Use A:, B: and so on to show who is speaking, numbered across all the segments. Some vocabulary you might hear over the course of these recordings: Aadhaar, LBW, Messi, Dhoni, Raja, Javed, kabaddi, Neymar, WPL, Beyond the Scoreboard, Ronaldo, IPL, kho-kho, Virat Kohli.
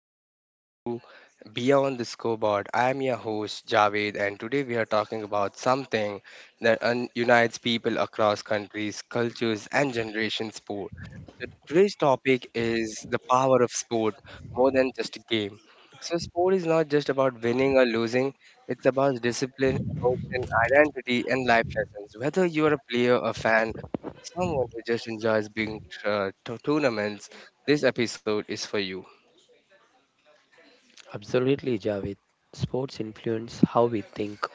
A: and welcome to Beyond the Scoreboard. I am your host, Javed, and today we are talking about something that unites people across countries, cultures, and generations. Sport. Today's topic is the power of sport, more than just a game. So, sport is not just about winning or losing, it's about discipline, emotion, identity, and life lessons. Whether you are a player, a fan, someone who just enjoys being tournaments, this episode is for you.
B: Absolutely, Javed. Sports influence how we think,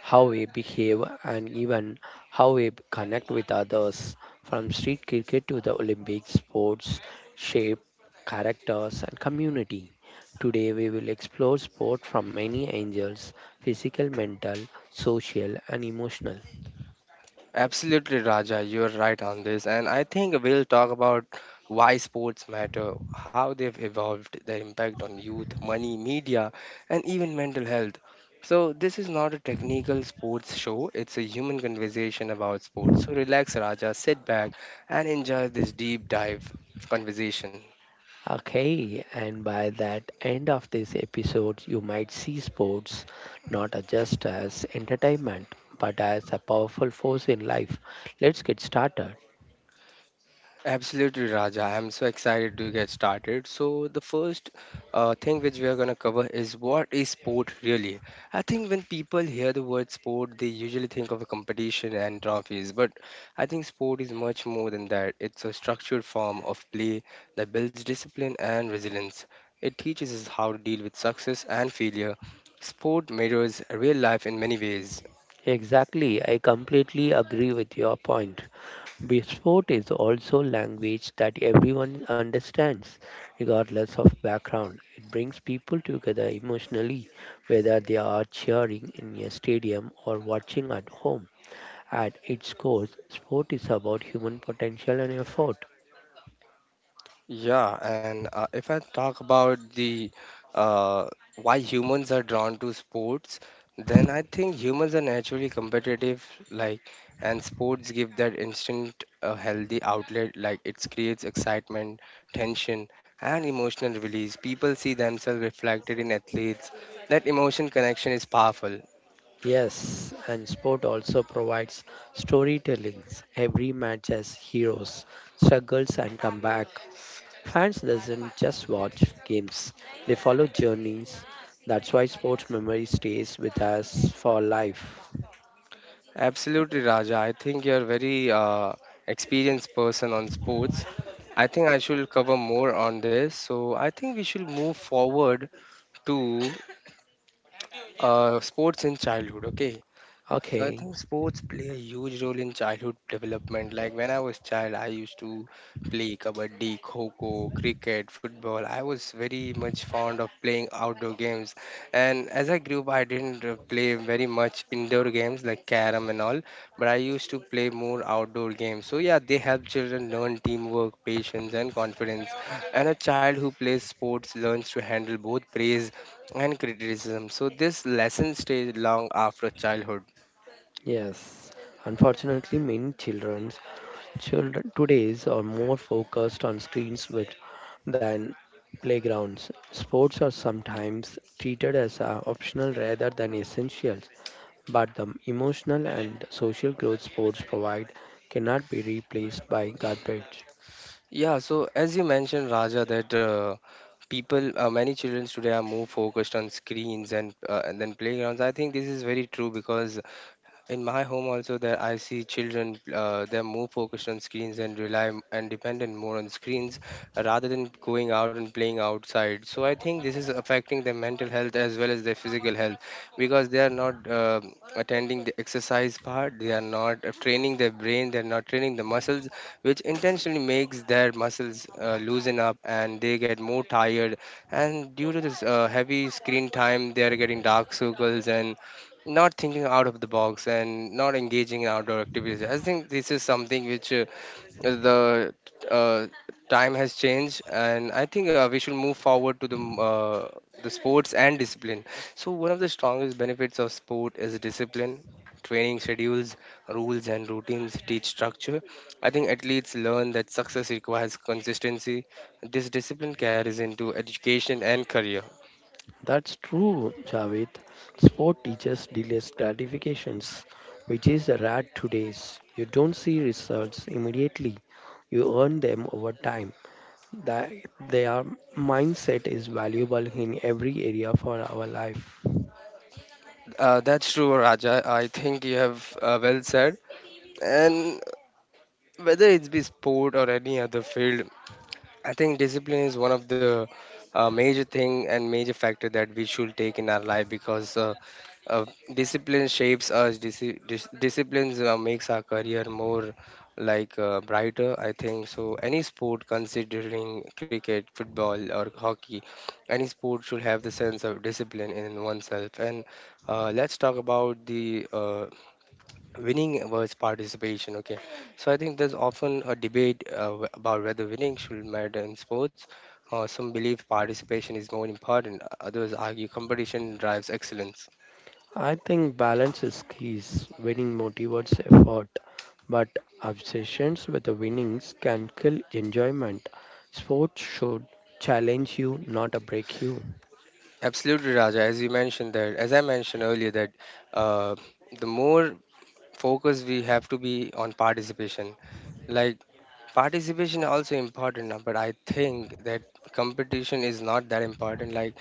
B: how we behave, and even how we connect with others. From street cricket to the Olympic sports shape characters and community. Today, we will explore sport from many angles, physical, mental, social, and emotional.
A: Absolutely, Raja, you're right on this. And I think we'll talk about why sports matter, how they've evolved, their impact on youth, money, media, and even mental health. So, this is not a technical sports show, it's a human conversation about sports. So, relax, Raja, sit back and enjoy this deep dive conversation.
B: Okay, and by that end of this episode, you might see sports not as just as entertainment, but as a powerful force in life. Let's get started.
A: Absolutely, Raja. I'm so excited to get started. So, the first thing which we are going to cover is, what is sport really? I think when people hear the word sport, they usually think of a competition and trophies, but I think sport is much more than that. It's a structured form of play that builds discipline and resilience. It teaches us how to deal with success and failure. Sport mirrors real life in many ways.
B: Exactly, I completely agree with your point. Sport is also language that everyone understands, regardless of background. It brings people together emotionally, whether they are cheering in a stadium or watching at home. At its core, sport is about human potential and effort.
A: Yeah, and if I talk about the uh, why humans are drawn to sports, then I think humans are naturally competitive, like, and sports give that instant healthy outlet. Like, it creates excitement, tension, and emotional release. People see themselves reflected in athletes. That emotion connection is powerful.
B: Yes, and sport also provides storytellings. Every match has heroes, struggles, and comeback. Fans doesn't just watch games; they follow journeys. That's why sports memory stays with us for life.
A: Absolutely, Raja. I think you're a very experienced person on sports. I think I should cover more on this. So I think we should move forward to sports in childhood. Okay. So I
B: Okay,
A: think sports play a huge role in childhood development. Like, when I was child, I used to play kabaddi, kho-kho, cricket, football. I was very much fond of playing outdoor games. And as I grew up, I didn't play very much indoor games like carom and all, but I used to play more outdoor games. So yeah, they help children learn teamwork, patience, and confidence. And a child who plays sports learns to handle both praise and criticism. So this lesson stays long after childhood.
B: yes. Unfortunately, many children today's are more focused on screens with. Than playgrounds. Sports are sometimes treated as optional rather than essentials, but the emotional and social growth sports provide cannot be replaced by garbage.
A: Yeah, so as you mentioned, Raja, that many children today are more focused on screens and then playgrounds. I think this is very true because in my home also, there I see children, they're more focused on screens and dependent more on screens rather than going out and playing outside. So I think this is affecting their mental health as well as their physical health, because they are not attending the exercise part. They are not training their brain. They're not training the muscles, which intentionally makes their muscles loosen up and they get more tired. And due to this heavy screen time, they are getting dark circles and not thinking out of the box and not engaging in outdoor activities. I think this is something which the uh, time has changed, and I think we should move forward to the the sports and discipline. So one of the strongest benefits of sport is discipline. Training schedules, rules, and routines teach structure. I think athletes learn that success requires consistency. This discipline carries into education and career.
B: That's true, Javed. Sport teaches delays gratifications, which is rare today's. You don't see results immediately, you earn them over time. That their mindset is valuable in every area for our life.
A: That's true, Raja. I think you have well said. And whether it's be sport or any other field, I think discipline is one of the major thing and major factor that we should take in our life, because uh, discipline shapes us. Disciplines makes our career more like brighter, I think. So any sport, considering cricket, football, or hockey, any sport should have the sense of discipline in oneself. And let's talk about the winning versus participation. Okay. So I think there's often a debate about whether winning should matter in sports. Some believe participation is more important. Others argue competition drives excellence.
B: I think balance is key. Winning motivates effort, but obsessions with the winnings can kill enjoyment. Sports should challenge you, not break you.
A: Absolutely, Raja. As you mentioned, that as I mentioned earlier, that uh, the more focus we have to be on participation. Like, participation also important, but I think that competition is not that important. Like,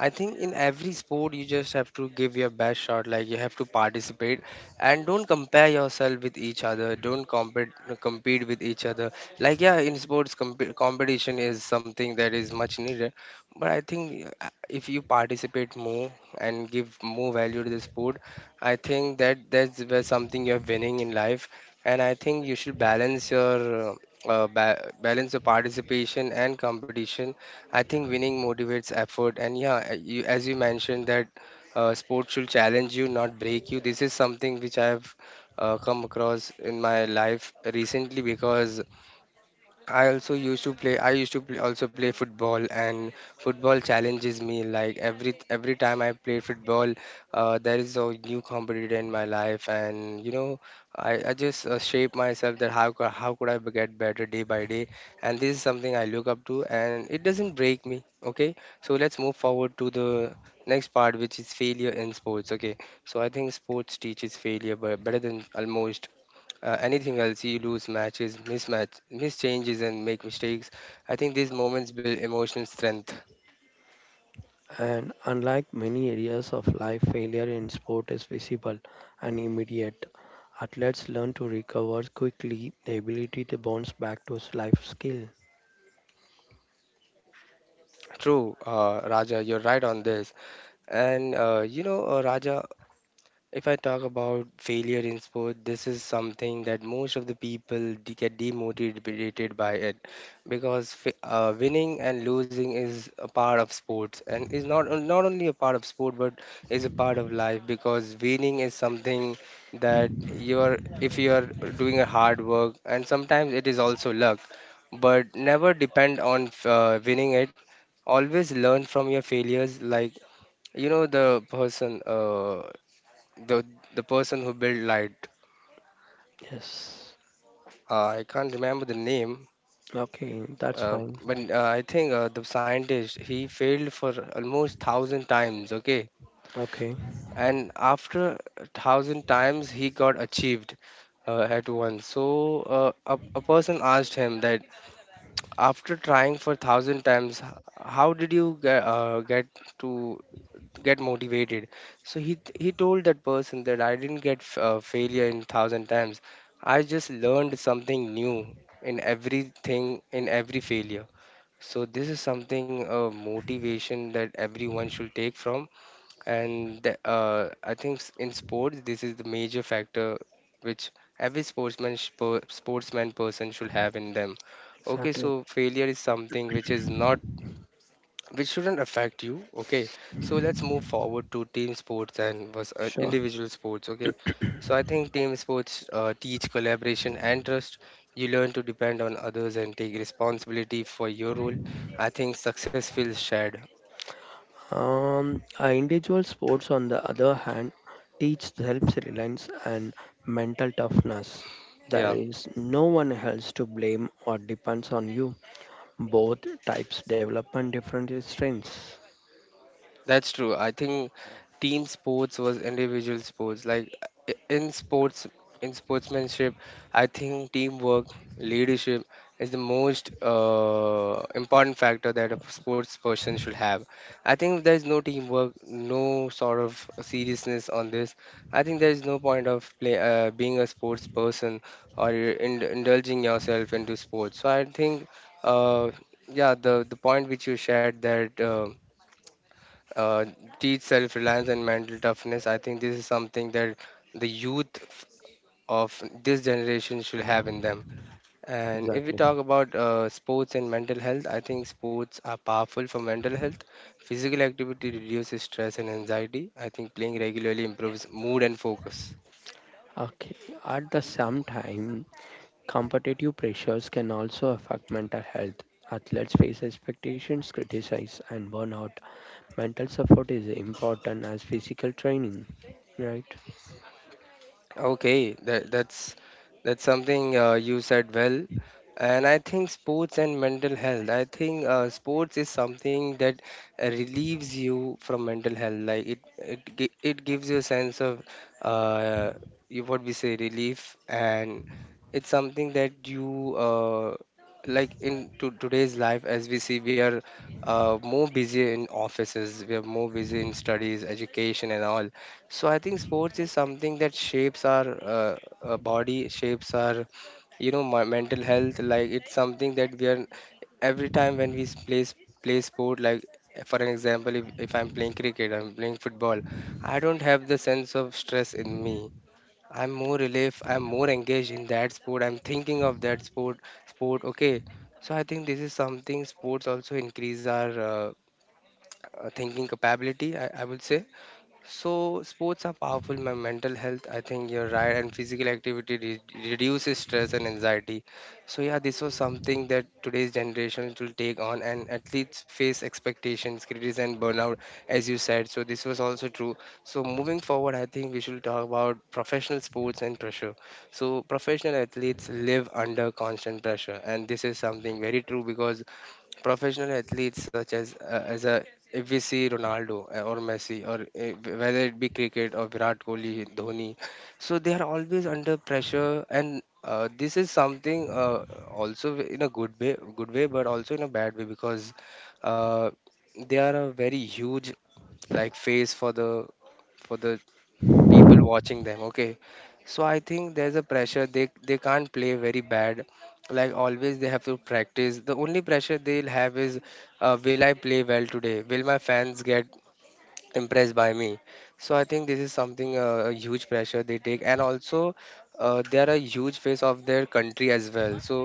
A: I think in every sport you just have to give your best shot. Like, you have to participate and don't compare yourself with each other. Don't compete, compete with each other. Like, yeah, in sports, competition is something that is much needed, but I think if you participate more and give more value to the sport, I think that that's where something you're winning in life. And I think you should balance your balance your participation and competition. I think winning motivates effort, and yeah, as you mentioned that sports should challenge you, not break you. This is something which I have come across in my life recently, because I also used to play. I used to play, also play football, and football challenges me. Like, every time I play football, there is a new competitor in my life, and you know, I just shape myself that how how could I get better day by day, and this is something I look up to, and it doesn't break me. Okay, so let's move forward to the next part, which is failure in sports. Okay, so I think sports teaches failure, but better than almost anything else. You lose matches, mismatch, miss changes, and make mistakes. I think these moments build emotional strength.
B: And unlike many areas of life, failure in sport is visible and immediate. Athletes learn to recover quickly, the ability to bounce back to life skill.
A: True, Raja, you're right on this. And Raja, if I talk about failure in sport, this is something that most of the people get demotivated by it, because winning and losing is a part of sports, and is not not only a part of sport, but is a part of life, because winning is something that you're, if you're doing a hard work, and sometimes it is also luck, but never depend on winning it. Always learn from your failures. Like, you know, the person the the person who built light.
B: Yes.
A: I can't remember the name,
B: Okay, that's
A: uh,
B: fine.
A: but I think the scientist, he failed for almost thousand times. Okay,
B: Okay,
A: and after a thousand times, he got achieved at once. So a person asked him that, after trying for thousand times, how did you get, to get motivated? So he told that person that I didn't get failure in thousand times. I just learned something new in everything, in every failure. So this is something, a motivation that everyone should take from. And I think in sports, this is the major factor which every sportsman person should have in them. Okay,
B: exactly.
A: so failure is something which is not, which shouldn't affect you. Okay, so let's move forward to team sports and was
B: Sure.
A: individual sports. Okay. So I think team sports teach collaboration and trust. You learn to depend on others and take responsibility for your role. I think success feels shared.
B: Individual sports, on the other hand, teach self-reliance and mental toughness.
A: Yeah.
B: There is no one else to blame or depends on you. Both types develop on different strengths.
A: That's true. I think team sports was individual sports. Like, in sports, in sportsmanship, I think teamwork, leadership is the most important factor that a sports person should have. I think if there is no teamwork, no sort of seriousness on this, I think there is no point of play, being a sports person or indulging yourself into sports. So I think, uh, yeah, the point which you shared that. Uh, Teach self-reliance and mental toughness. I think this is something that the of this generation should have in them. And if we
B: Exactly.
A: talk about sports and mental health, I think sports are powerful for mental health. Physical activity reduces stress and anxiety. I think playing regularly improves mood and focus.
B: Okay, at the same time, competitive pressures can also affect mental health. Athletes face expectations, criticism, and burnout. Mental support is important as physical training, right?
A: Okay, that's something you said well. And I think sports and mental health. I think sports is something that relieves you from mental health. Like, it gives you a sense of uh, you what we say, relief. And it's something that you like in to today's life. As we see, we are more busy in offices. We are more busy in studies, education, and all. So I think sports is something that shapes our body, shapes our, you know, my mental health. Like, it's something that we are every time, when we play sport. Like, for an example, if I'm playing cricket, I'm playing football, I don't have the sense of stress in me. I'm more relief. I'm more engaged in that sport. I'm thinking of that sport. Sport, okay. So I think this is something sports also increase our thinking capability. I would say. So sports are powerful in my mental health. I think you're right, and physical activity re- reduces stress and anxiety. So yeah, this was something that today's generation will take on, and athletes face expectations, criticism, and burnout, as you said. So this was also true. So moving forward, I think we should talk about professional sports and pressure. So professional athletes live under constant pressure, and this is something very true because professional athletes such as a if we see Ronaldo or Messi or whether it be cricket or Virat Kohli, Dhoni, so they are always under pressure, and this is something also in a good way, but also in a bad way because uh, they are a very huge like face for the people watching them, okay. So I think there's a pressure, they can't play very bad. Like always they have to practice. The only pressure they'll have is, will I play well today, will my fans get impressed by me? So I think this is something, a huge pressure they take, and also they are a huge face of their country as well, so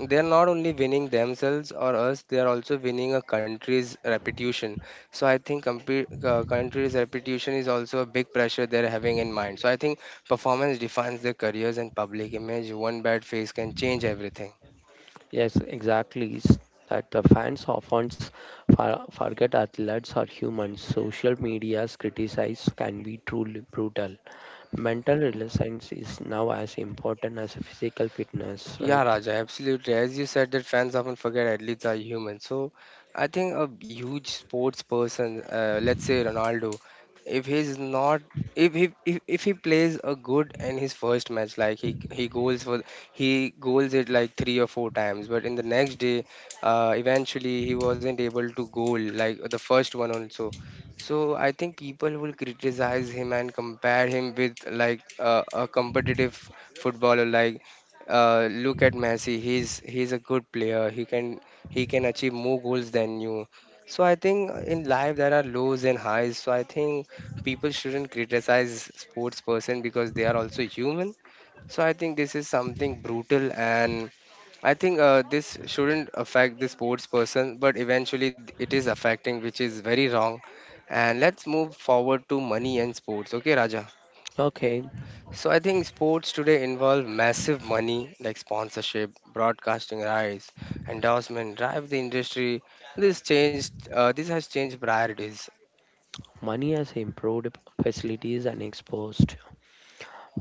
A: they are not only winning themselves or us, they are also winning a country's reputation. So I think country's reputation is also a big pressure they're having in mind. So I think performance defines their careers and public image. One bad face can change everything.
B: Yes, exactly. That the fans often forget athletes are humans. Social media's criticize can be truly brutal. Mental resilience is now as important as physical fitness,
A: Yeah,
B: right?
A: Raja, absolutely. As you said, that fans often forget athletes are human. So I think a huge sports person, let's say Ronaldo, if he's not, if he if he plays a good in his first match, like he goals for he goals it like three or four times, but in the next day, eventually he wasn't able to goal like the first one also. So I think people will criticize him and compare him with like a competitive footballer like. Look at Messi. He's a good player. He can achieve more goals than you. So I think in life there are lows and highs. So I think people shouldn't criticize sports person because they are also human. So I think this is something brutal, and I think this shouldn't affect the sports person, but eventually th- it is affecting, which is very wrong. And let's move forward to money and sports. Okay, Raja.
B: Okay,
A: So I think sports today involve massive money like sponsorship, broadcasting rights, endorsement, drive the industry. This changed. This has changed priorities.
B: money has improved facilities and exposed,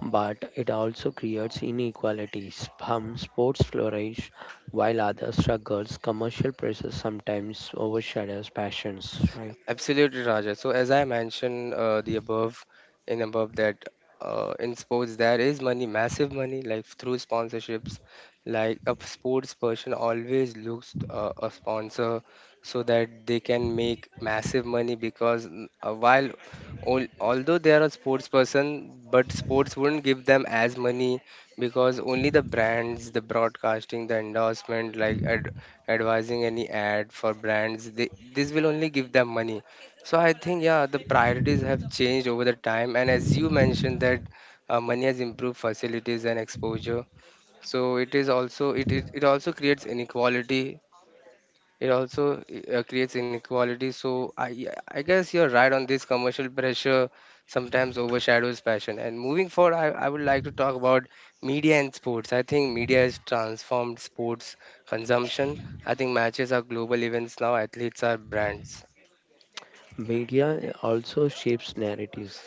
B: but it also creates inequalities. Some sports flourish while others struggles. Commercial pressures sometimes overshadows passions, right?
A: Absolutely, Raja. So as I mentioned the above, in above that in sports there is money, massive money, like through sponsorships. Like a sports person always looks a sponsor so that they can make massive money because while al- although they are a sports person, but sports wouldn't give them as money because only the brands, the broadcasting, the endorsement, like ad advising any ad for brands they, this will only give them money. So I think, yeah, the priorities have changed over the time, and as you mentioned that money has improved facilities and exposure, so it is also it also creates inequality. It also creates inequality. So I guess you're right on this. Commercial pressure sometimes overshadows passion. And moving forward, I would like to talk about media and sports. I think media has transformed sports consumption. I think matches are global events now, athletes are brands.
B: Media also shapes narratives.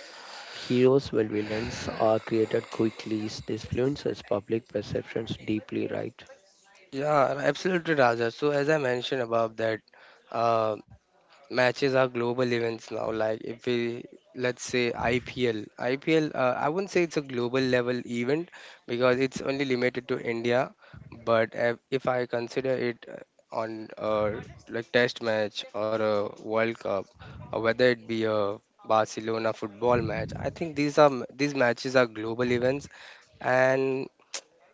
B: Heroes and villains are created quickly. This influences public perceptions deeply, right?
A: Yeah, absolutely, Raja. So as I mentioned above that, uh, matches are global events now. Like if we let's say ipl I wouldn't say it's a global level event because it's only limited to India, but if I consider it on like test match or a world cup, or whether it be a Barcelona football match, I think these matches are global events. And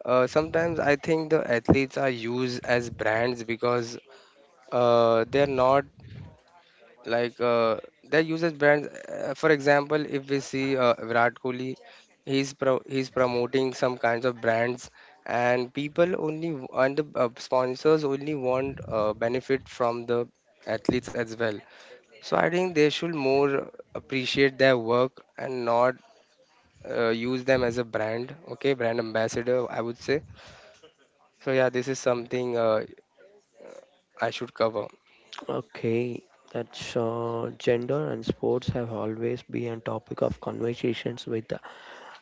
A: sometimes I think the athletes are used as brands because they're not like uh, they uses brands, for example, if we see Virat Kohli, he's promoting some kinds of brands, and people only w- and the sponsors only want benefit from the athletes as well. So I think they should more appreciate their work and not use them as a brand, okay, brand ambassador, I would say. So yeah, this is something, I should cover.
B: Okay, that's gender and sports have always been a topic of conversations with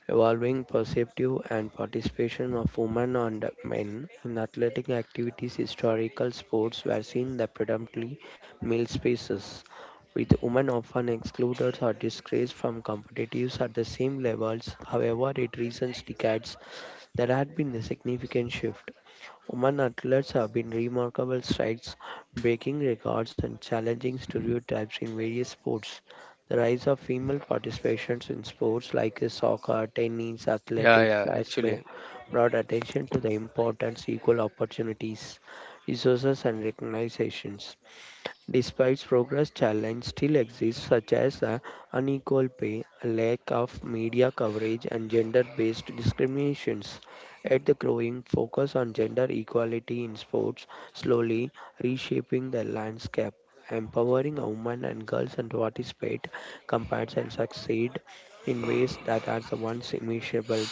B: evolving perspective and participation of women and men in athletic activities. Historical sports were seen as predominantly male spaces, with women often excluded or disgraced from competitives at the same levels. However, in recent decades, there had been a significant shift. Women athletes have been remarkable strides, breaking records and challenging stereotypes in various sports. The rise of female participation in sports like soccer, tennis,
A: Yeah,
B: athletics
A: yeah,
B: has been
A: actually.
B: brought attention to the importance, equal opportunities, resources, and recognitions. Despite progress, challenges still exist, such as unequal pay, a lack of media coverage, and gender based discriminations. Yet, the growing focus on gender equality in sports slowly reshaping the landscape, empowering women and girls and to participate, compete, and succeed in ways that are the once immeasurable.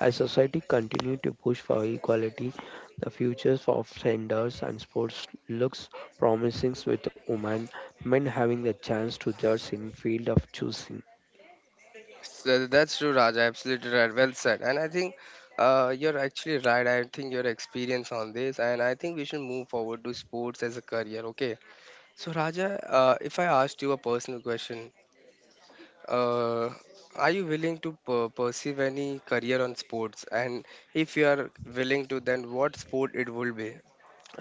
B: As society continues to push for equality, the futures of genders and sports looks promising with women, men having the chance to judge in field of choosing.
A: So that's true, Raj. Absolutely right. Well said. And I think you're actually right. I think your experience on this, and I think we should move forward to sports as a career. Okay. So, Raja, if I asked you a personal question, uh, are you willing to per- pursue any career on sports? And if you are willing to, then what sport it will be?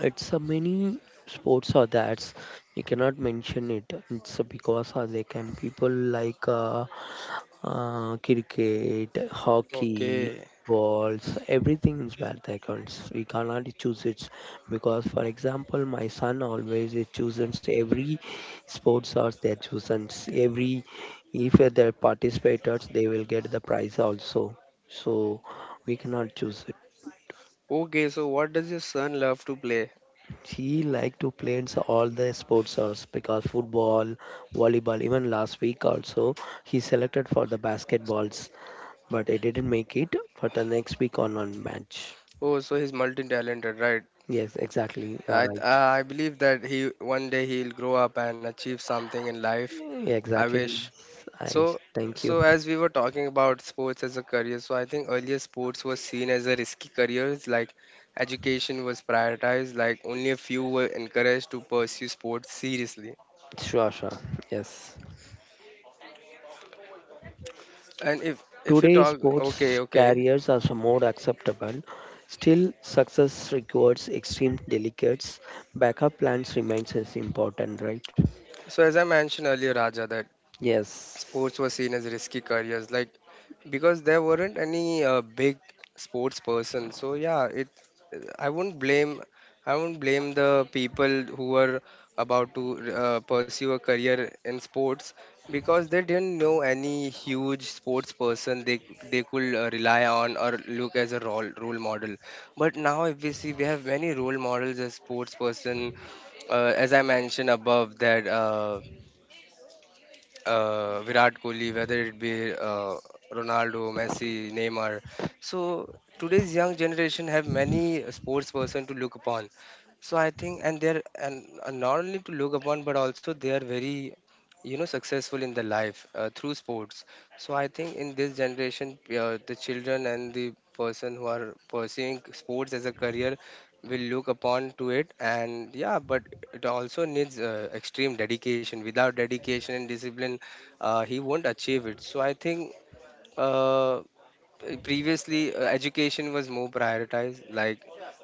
B: It's a many sports are that we cannot mention it. It's because they can people like cricket, hockey,
A: Okay.
B: balls, everything is where they accounts, we cannot choose it. Because for example, my son always is chooses every sports are their chosen, every if they're participators they will get the prize also, so we cannot choose it.
A: Okay. So, what does your son love to play?
B: She liked to play in all the sports sorts, because football, volleyball, even last week also he selected for the basketballs, but he didn't make it for the next week on one match.
A: Oh, so he's multi-talented, right?
B: Yes, exactly. You are
A: I
B: right.
A: I believe that he one day he'll grow up and achieve something in life.
B: Yeah,
A: I
B: exactly.
A: wish.
B: Yes, I
A: So
B: thank
A: so
B: you.
A: as we were talking about sports as a career, so I think earlier sports was seen as a risky career. Like education was prioritized. Like only a few were encouraged to pursue sports seriously.
B: Sure, sure. Yes.
A: And if you
B: Today,
A: talk, okay,
B: sports
A: okay.
B: careers are so more acceptable. Still, success requires extreme delicates. Backup plans remains as important, right?
A: So as I mentioned earlier, Raja, that
B: Yes.
A: sports were seen as risky careers like because there weren't any big sports person, so yeah, it, i wouldn't blame I wouldn't blame the people who were about to pursue a career in sports because they didn't know any huge sports person they could rely on or look as a role model. But now, if we see, we have many role models as sports person. As I mentioned above, that Virat Kohli, whether it be Ronaldo, Messi, Neymar. So today's young generation have many sports person to look upon. So I think, and they're and not only to look upon, but also they are very, you know, successful in their life through sports. So I think in this generation, the children and the person who are pursuing sports as a career will look upon to it, and yeah, but it also needs extreme dedication. Without dedication and discipline, he won't achieve it. So I think uh, previously education was more prioritized. Like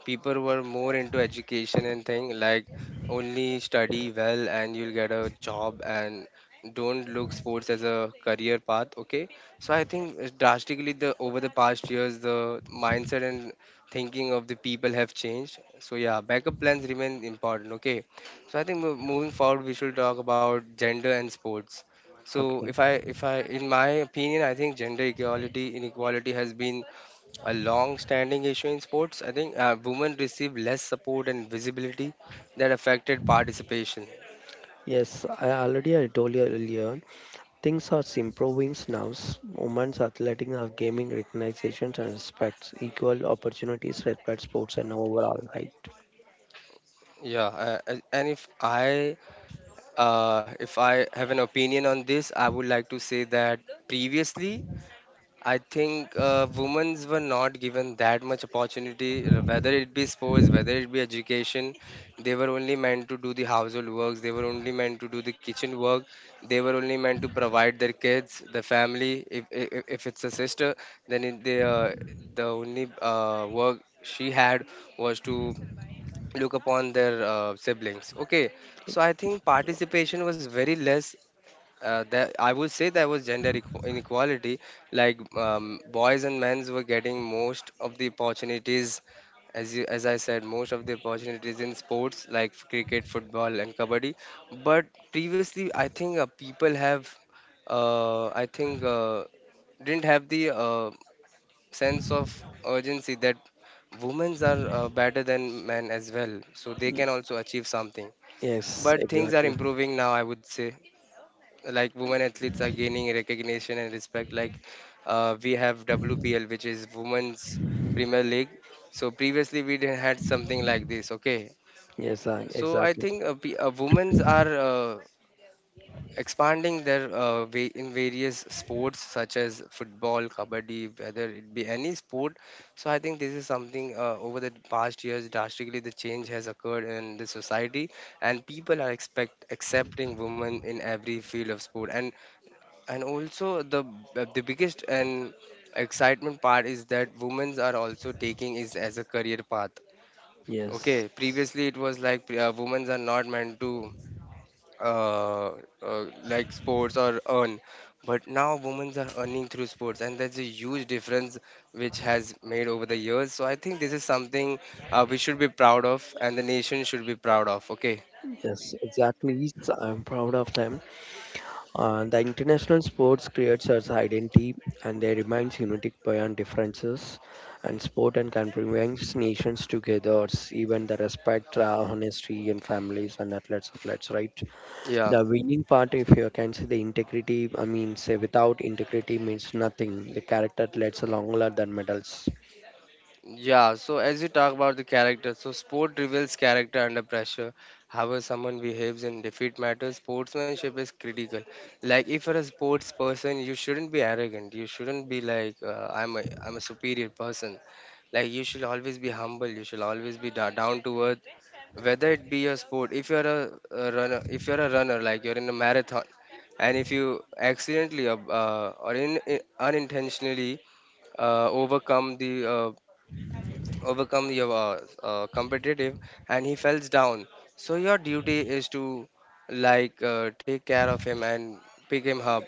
A: people were more into education and thing, like only study well and you'll get a job, and don't look sports as a career path, okay. So I think, drastically, the over the past years the mindset and thinking of the people have changed. So yeah, backup plans remain important, okay. So I think moving forward we should talk about gender and sports. So
B: Okay.
A: if I in my opinion, I think gender equality inequality has been a long-standing issue in sports. I think women receive less support and visibility that affected participation.
B: Yes, I already I told you earlier, things are improving now. Women's athletics are gaining recognition and respect, equal opportunities, respect sports and overall, right?
A: Yeah, and if I have an opinion on this, I would like to say that previously I think women were not given that much opportunity, whether it be sports, whether it be education. They were only meant to do the household works, they were only meant to do the kitchen work, they were only meant to provide their kids, the family. If it's a sister, then it, they, the only work she had was to look upon their siblings. Okay, so I think participation was very less, that I would say there was gender equ- inequality. Like boys and men's were getting most of the opportunities, as you, as I said, most of the opportunities in sports like cricket, football, and kabaddi. But previously, I think people have, I think, didn't have the sense of urgency that women's are better than men as well, so they
B: Y-
A: can also achieve something.
B: Yes,
A: But things are
B: exactly.
A: improving now, I would say like women athletes are gaining recognition and respect. Like we have wpl, which is women's premier league. So previously we didn't had something like this. Okay,
B: Yes, I,
A: so i
B: exactly.
A: think uh, pe- uh, women's are expanding their way in various sports such as football, kabaddi, whether it be any sport. So I think this is something, over the past years drastically the change has occurred in the society, and people are expect accepting women in every field of sport. And also the biggest and excitement part is that women's are also taking is as a career path.
B: Yes.
A: Okay, previously it was like women's are not meant to uh, like sports or earn, but now women's are earning through sports, and that's a huge difference which has made over the years. So I think this is something we should be proud of, and the nation should be proud of. Okay,
B: Yes, exactly. Yes, I'm proud of them. The international sports creates its identity and they remains unique beyond differences, and sport and can bring nations together, even the respect honesty and families and athletes, right?
A: yeah.
B: The winning part, if you can see the integrity, I mean say without integrity means nothing. The character leads a longer than medals.
A: Yeah, so as you talk about the character, so sport reveals character under pressure. However, someone behaves in defeat matters, sportsmanship is critical. Like if you're a sports person, you shouldn't be arrogant. You shouldn't be like I'm a superior person. Like you should always be humble. You should always be down to earth. Whether it be your sport, if you're a runner, like you're in a marathon, and if you accidentally unintentionally uh, overcome the uh, overcome your competitive, and he falls down, so your duty is to like take care of him and pick him up,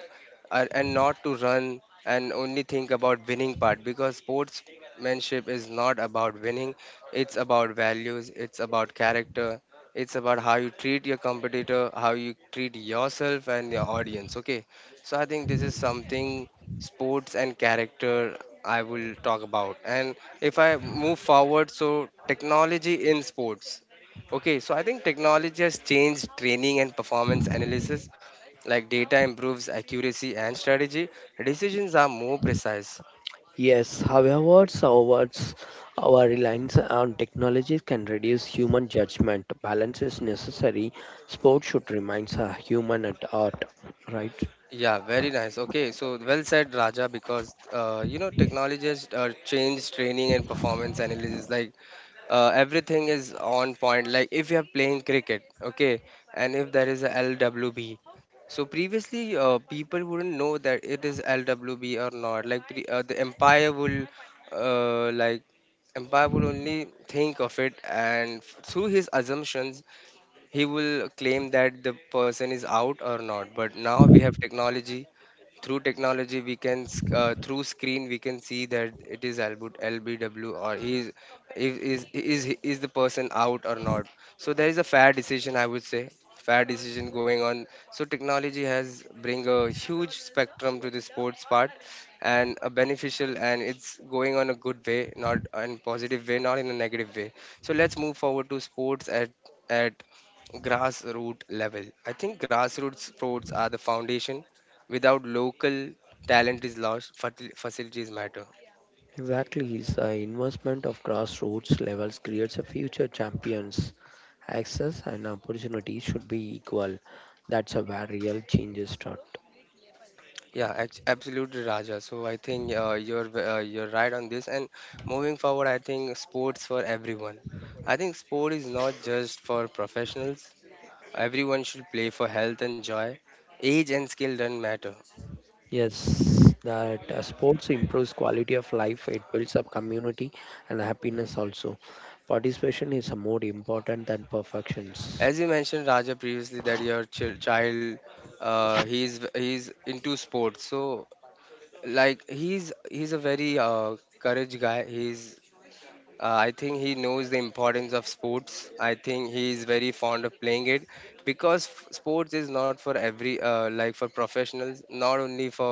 A: and not to run and only think about winning part, because sportsmanship is not about winning. It's about values, it's about character, it's about how you treat your competitor, how you treat yourself and your audience. Okay, so I think this is something, sports and character I will talk about. And if I move forward, so technology in sports. Okay, so I think technology has changed training and performance analysis. Like data improves accuracy and strategy, decisions are more precise.
B: Yes, however, awards our reliance on technology can reduce human judgment. Balance is necessary. Sport should remain a human at art, right?
A: Yeah, very nice. Okay, so well said, Raja, because you know technology has changed training and performance analysis. Like everything is on point. Like if you are playing cricket, okay, and if there is a LWB, so previously people wouldn't know that it is LWB or not. Like the empire will, like empire will only think of it, and through his assumptions, he will claim that the person is out or not. But now we have technology. Through technology we can through screen we can see that it is Albut LBW, or he is, if is is the person out or not. So there is a fair decision, I would say, fair decision going on. So technology has bring a huge spectrum to the sports part, and a beneficial, and it's going on a good way, not in positive way, not in a negative way. So let's move forward to sports at at grassroots level. I think grassroots sports are the foundation. Without local, talent is lost, facilities matter.
B: Exactly, the investment of grassroots levels creates a future champions. Access and opportunities should be equal. That's a where real changes start.
A: Yeah, absolutely, Raja. So I think you're right on this. And moving forward, I think sports for everyone. I think sport is not just for professionals. Everyone should play for health and joy. Age and skill don't matter.
B: Yes, that sports improves quality of life, it builds up community and happiness also. Participation is more important than perfections.
A: As you mentioned, Raja, previously that your child, he's into sports. So like he's a very courage guy. He's I think he knows the importance of sports. I think he is very fond of playing it, because sports is not for every like for professionals, not only for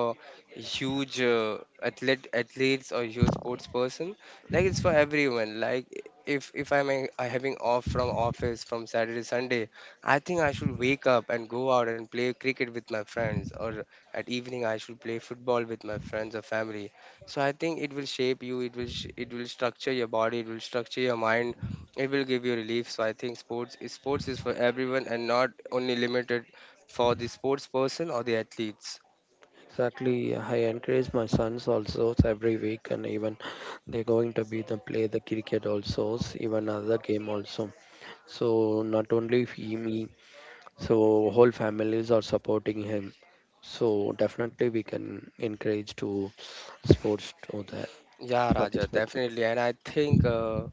A: huge athletes or huge sports person. Like it's for everyone. Like if I'm having off from office from Saturday Sunday, I think I should wake up and go out and play cricket with my friends, or at evening I should play football with my friends or family. So I think it will shape you, it will structure your body, it will structure your mind, it will give you relief. So I think sports is for everyone and not only limited for the sports person or the athletes.
B: Exactly, I encourage my sons also every week, and even they're going to be the play the cricket also, even other game also. So not only he, me, so whole families are supporting him. So definitely we can encourage to sports to that
A: Yeah, Raja,
B: participate.
A: definitely. And I think uh,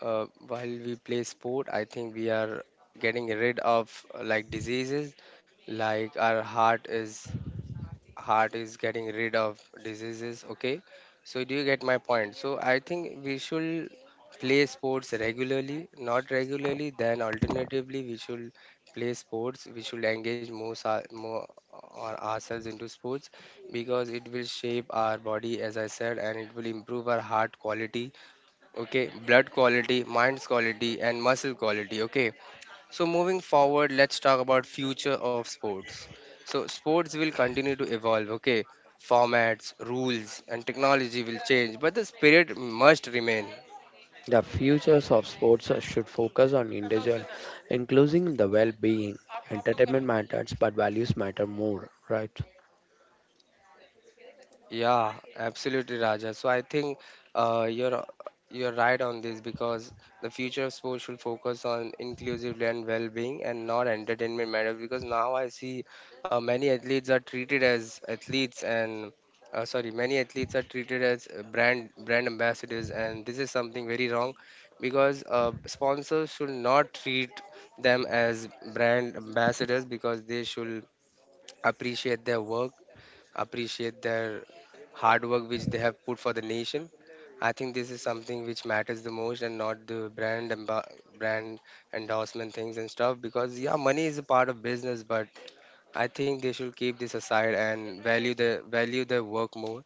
A: uh, while we play sport, I think we are getting rid of like diseases, like our heart is getting rid of diseases. Okay, so do you get my point? So I think we should play sports regularly, not regularly then alternatively, we should play sports, we should engage more, more or ourselves into sports, because it will shape our body, as I said, and it will improve our heart quality. Okay, blood quality, mind's quality, and muscle quality. Okay, so moving forward, let's talk about future of sports. So sports will continue to evolve, okay? Formats, rules and technology will change, but the spirit must remain.
B: The futures of sports should focus on individual, including the well-being. Entertainment matters, but values matter more, right?
A: Yeah, absolutely, Raja. So I think uh, you're you're right on this, because the future of sports should focus on inclusivity and well-being, and not entertainment matters. Because now I see many athletes are treated as athletes, and sorry, many athletes are treated as brand ambassadors, and this is something very wrong, because sponsors should not treat them as brand ambassadors, because they should appreciate their work, appreciate their hard work which they have put for the nation. I think this is something which matters the most, and not the brand, and brand endorsement things and stuff, because yeah, money is a part of business, but I think they should keep this aside and value their work more.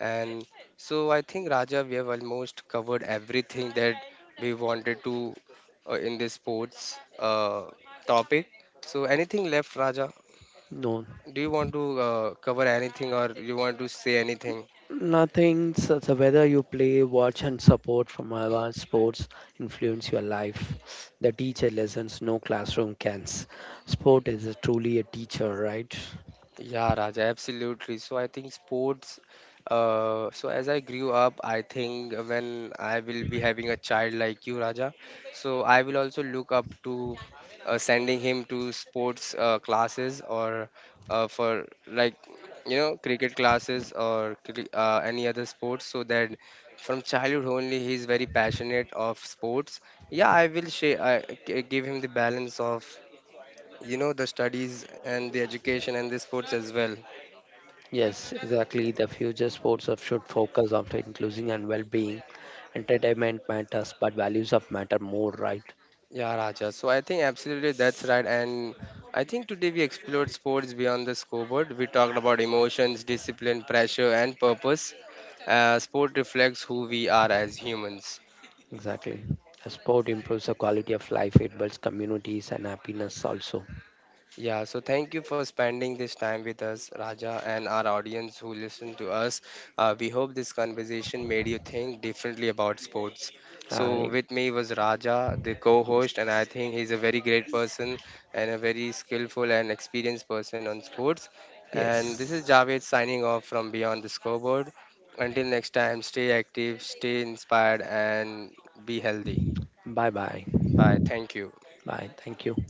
A: And so I think, Raja, we have almost covered everything that we wanted to, in this sports topic. So anything left, Raja,
B: No,
A: do you want to cover anything, or you want to say anything?
B: nothing. So, so whether you play, watch, and support from our sports influence your life. The teacher lessons no classroom can. Sport is truly a teacher, right?
A: Yeah, Raja, absolutely. So I think sports. So as I grew up, I think when I will be having a child like you, Raja, so I will also look up to sending him to sports classes, or for like you know cricket classes or any other sports, so that from childhood only he is very passionate of sports. Yeah, I will share. Give him the balance of you know the studies and the education and the sports as well.
B: Yes, exactly. The future sports of should focus on inclusion and well-being. Entertainment matters, but values of matter more, right?
A: Yeah, Raja. So I think absolutely that's right. And I think today we explored sports beyond the scoreboard. We talked about emotions, discipline, pressure, and purpose. Sport reflects who we are as humans.
B: Exactly. A sport improves the quality of life, it builds communities and happiness also.
A: Yeah, so thank you for spending this time with us, Raja, and our audience who listen to us. We hope this conversation made you think differently about sports.
B: Uh,
A: So, with me was Raja, the co host, and I think he's a very great person and a very skillful and experienced person on sports. And this is
B: yes.
A: Javed signing off from Beyond the Scoreboard. Until next time, stay active, stay inspired, and be healthy.
B: Bye bye.
A: Bye. Thank you.
B: Bye. Thank you.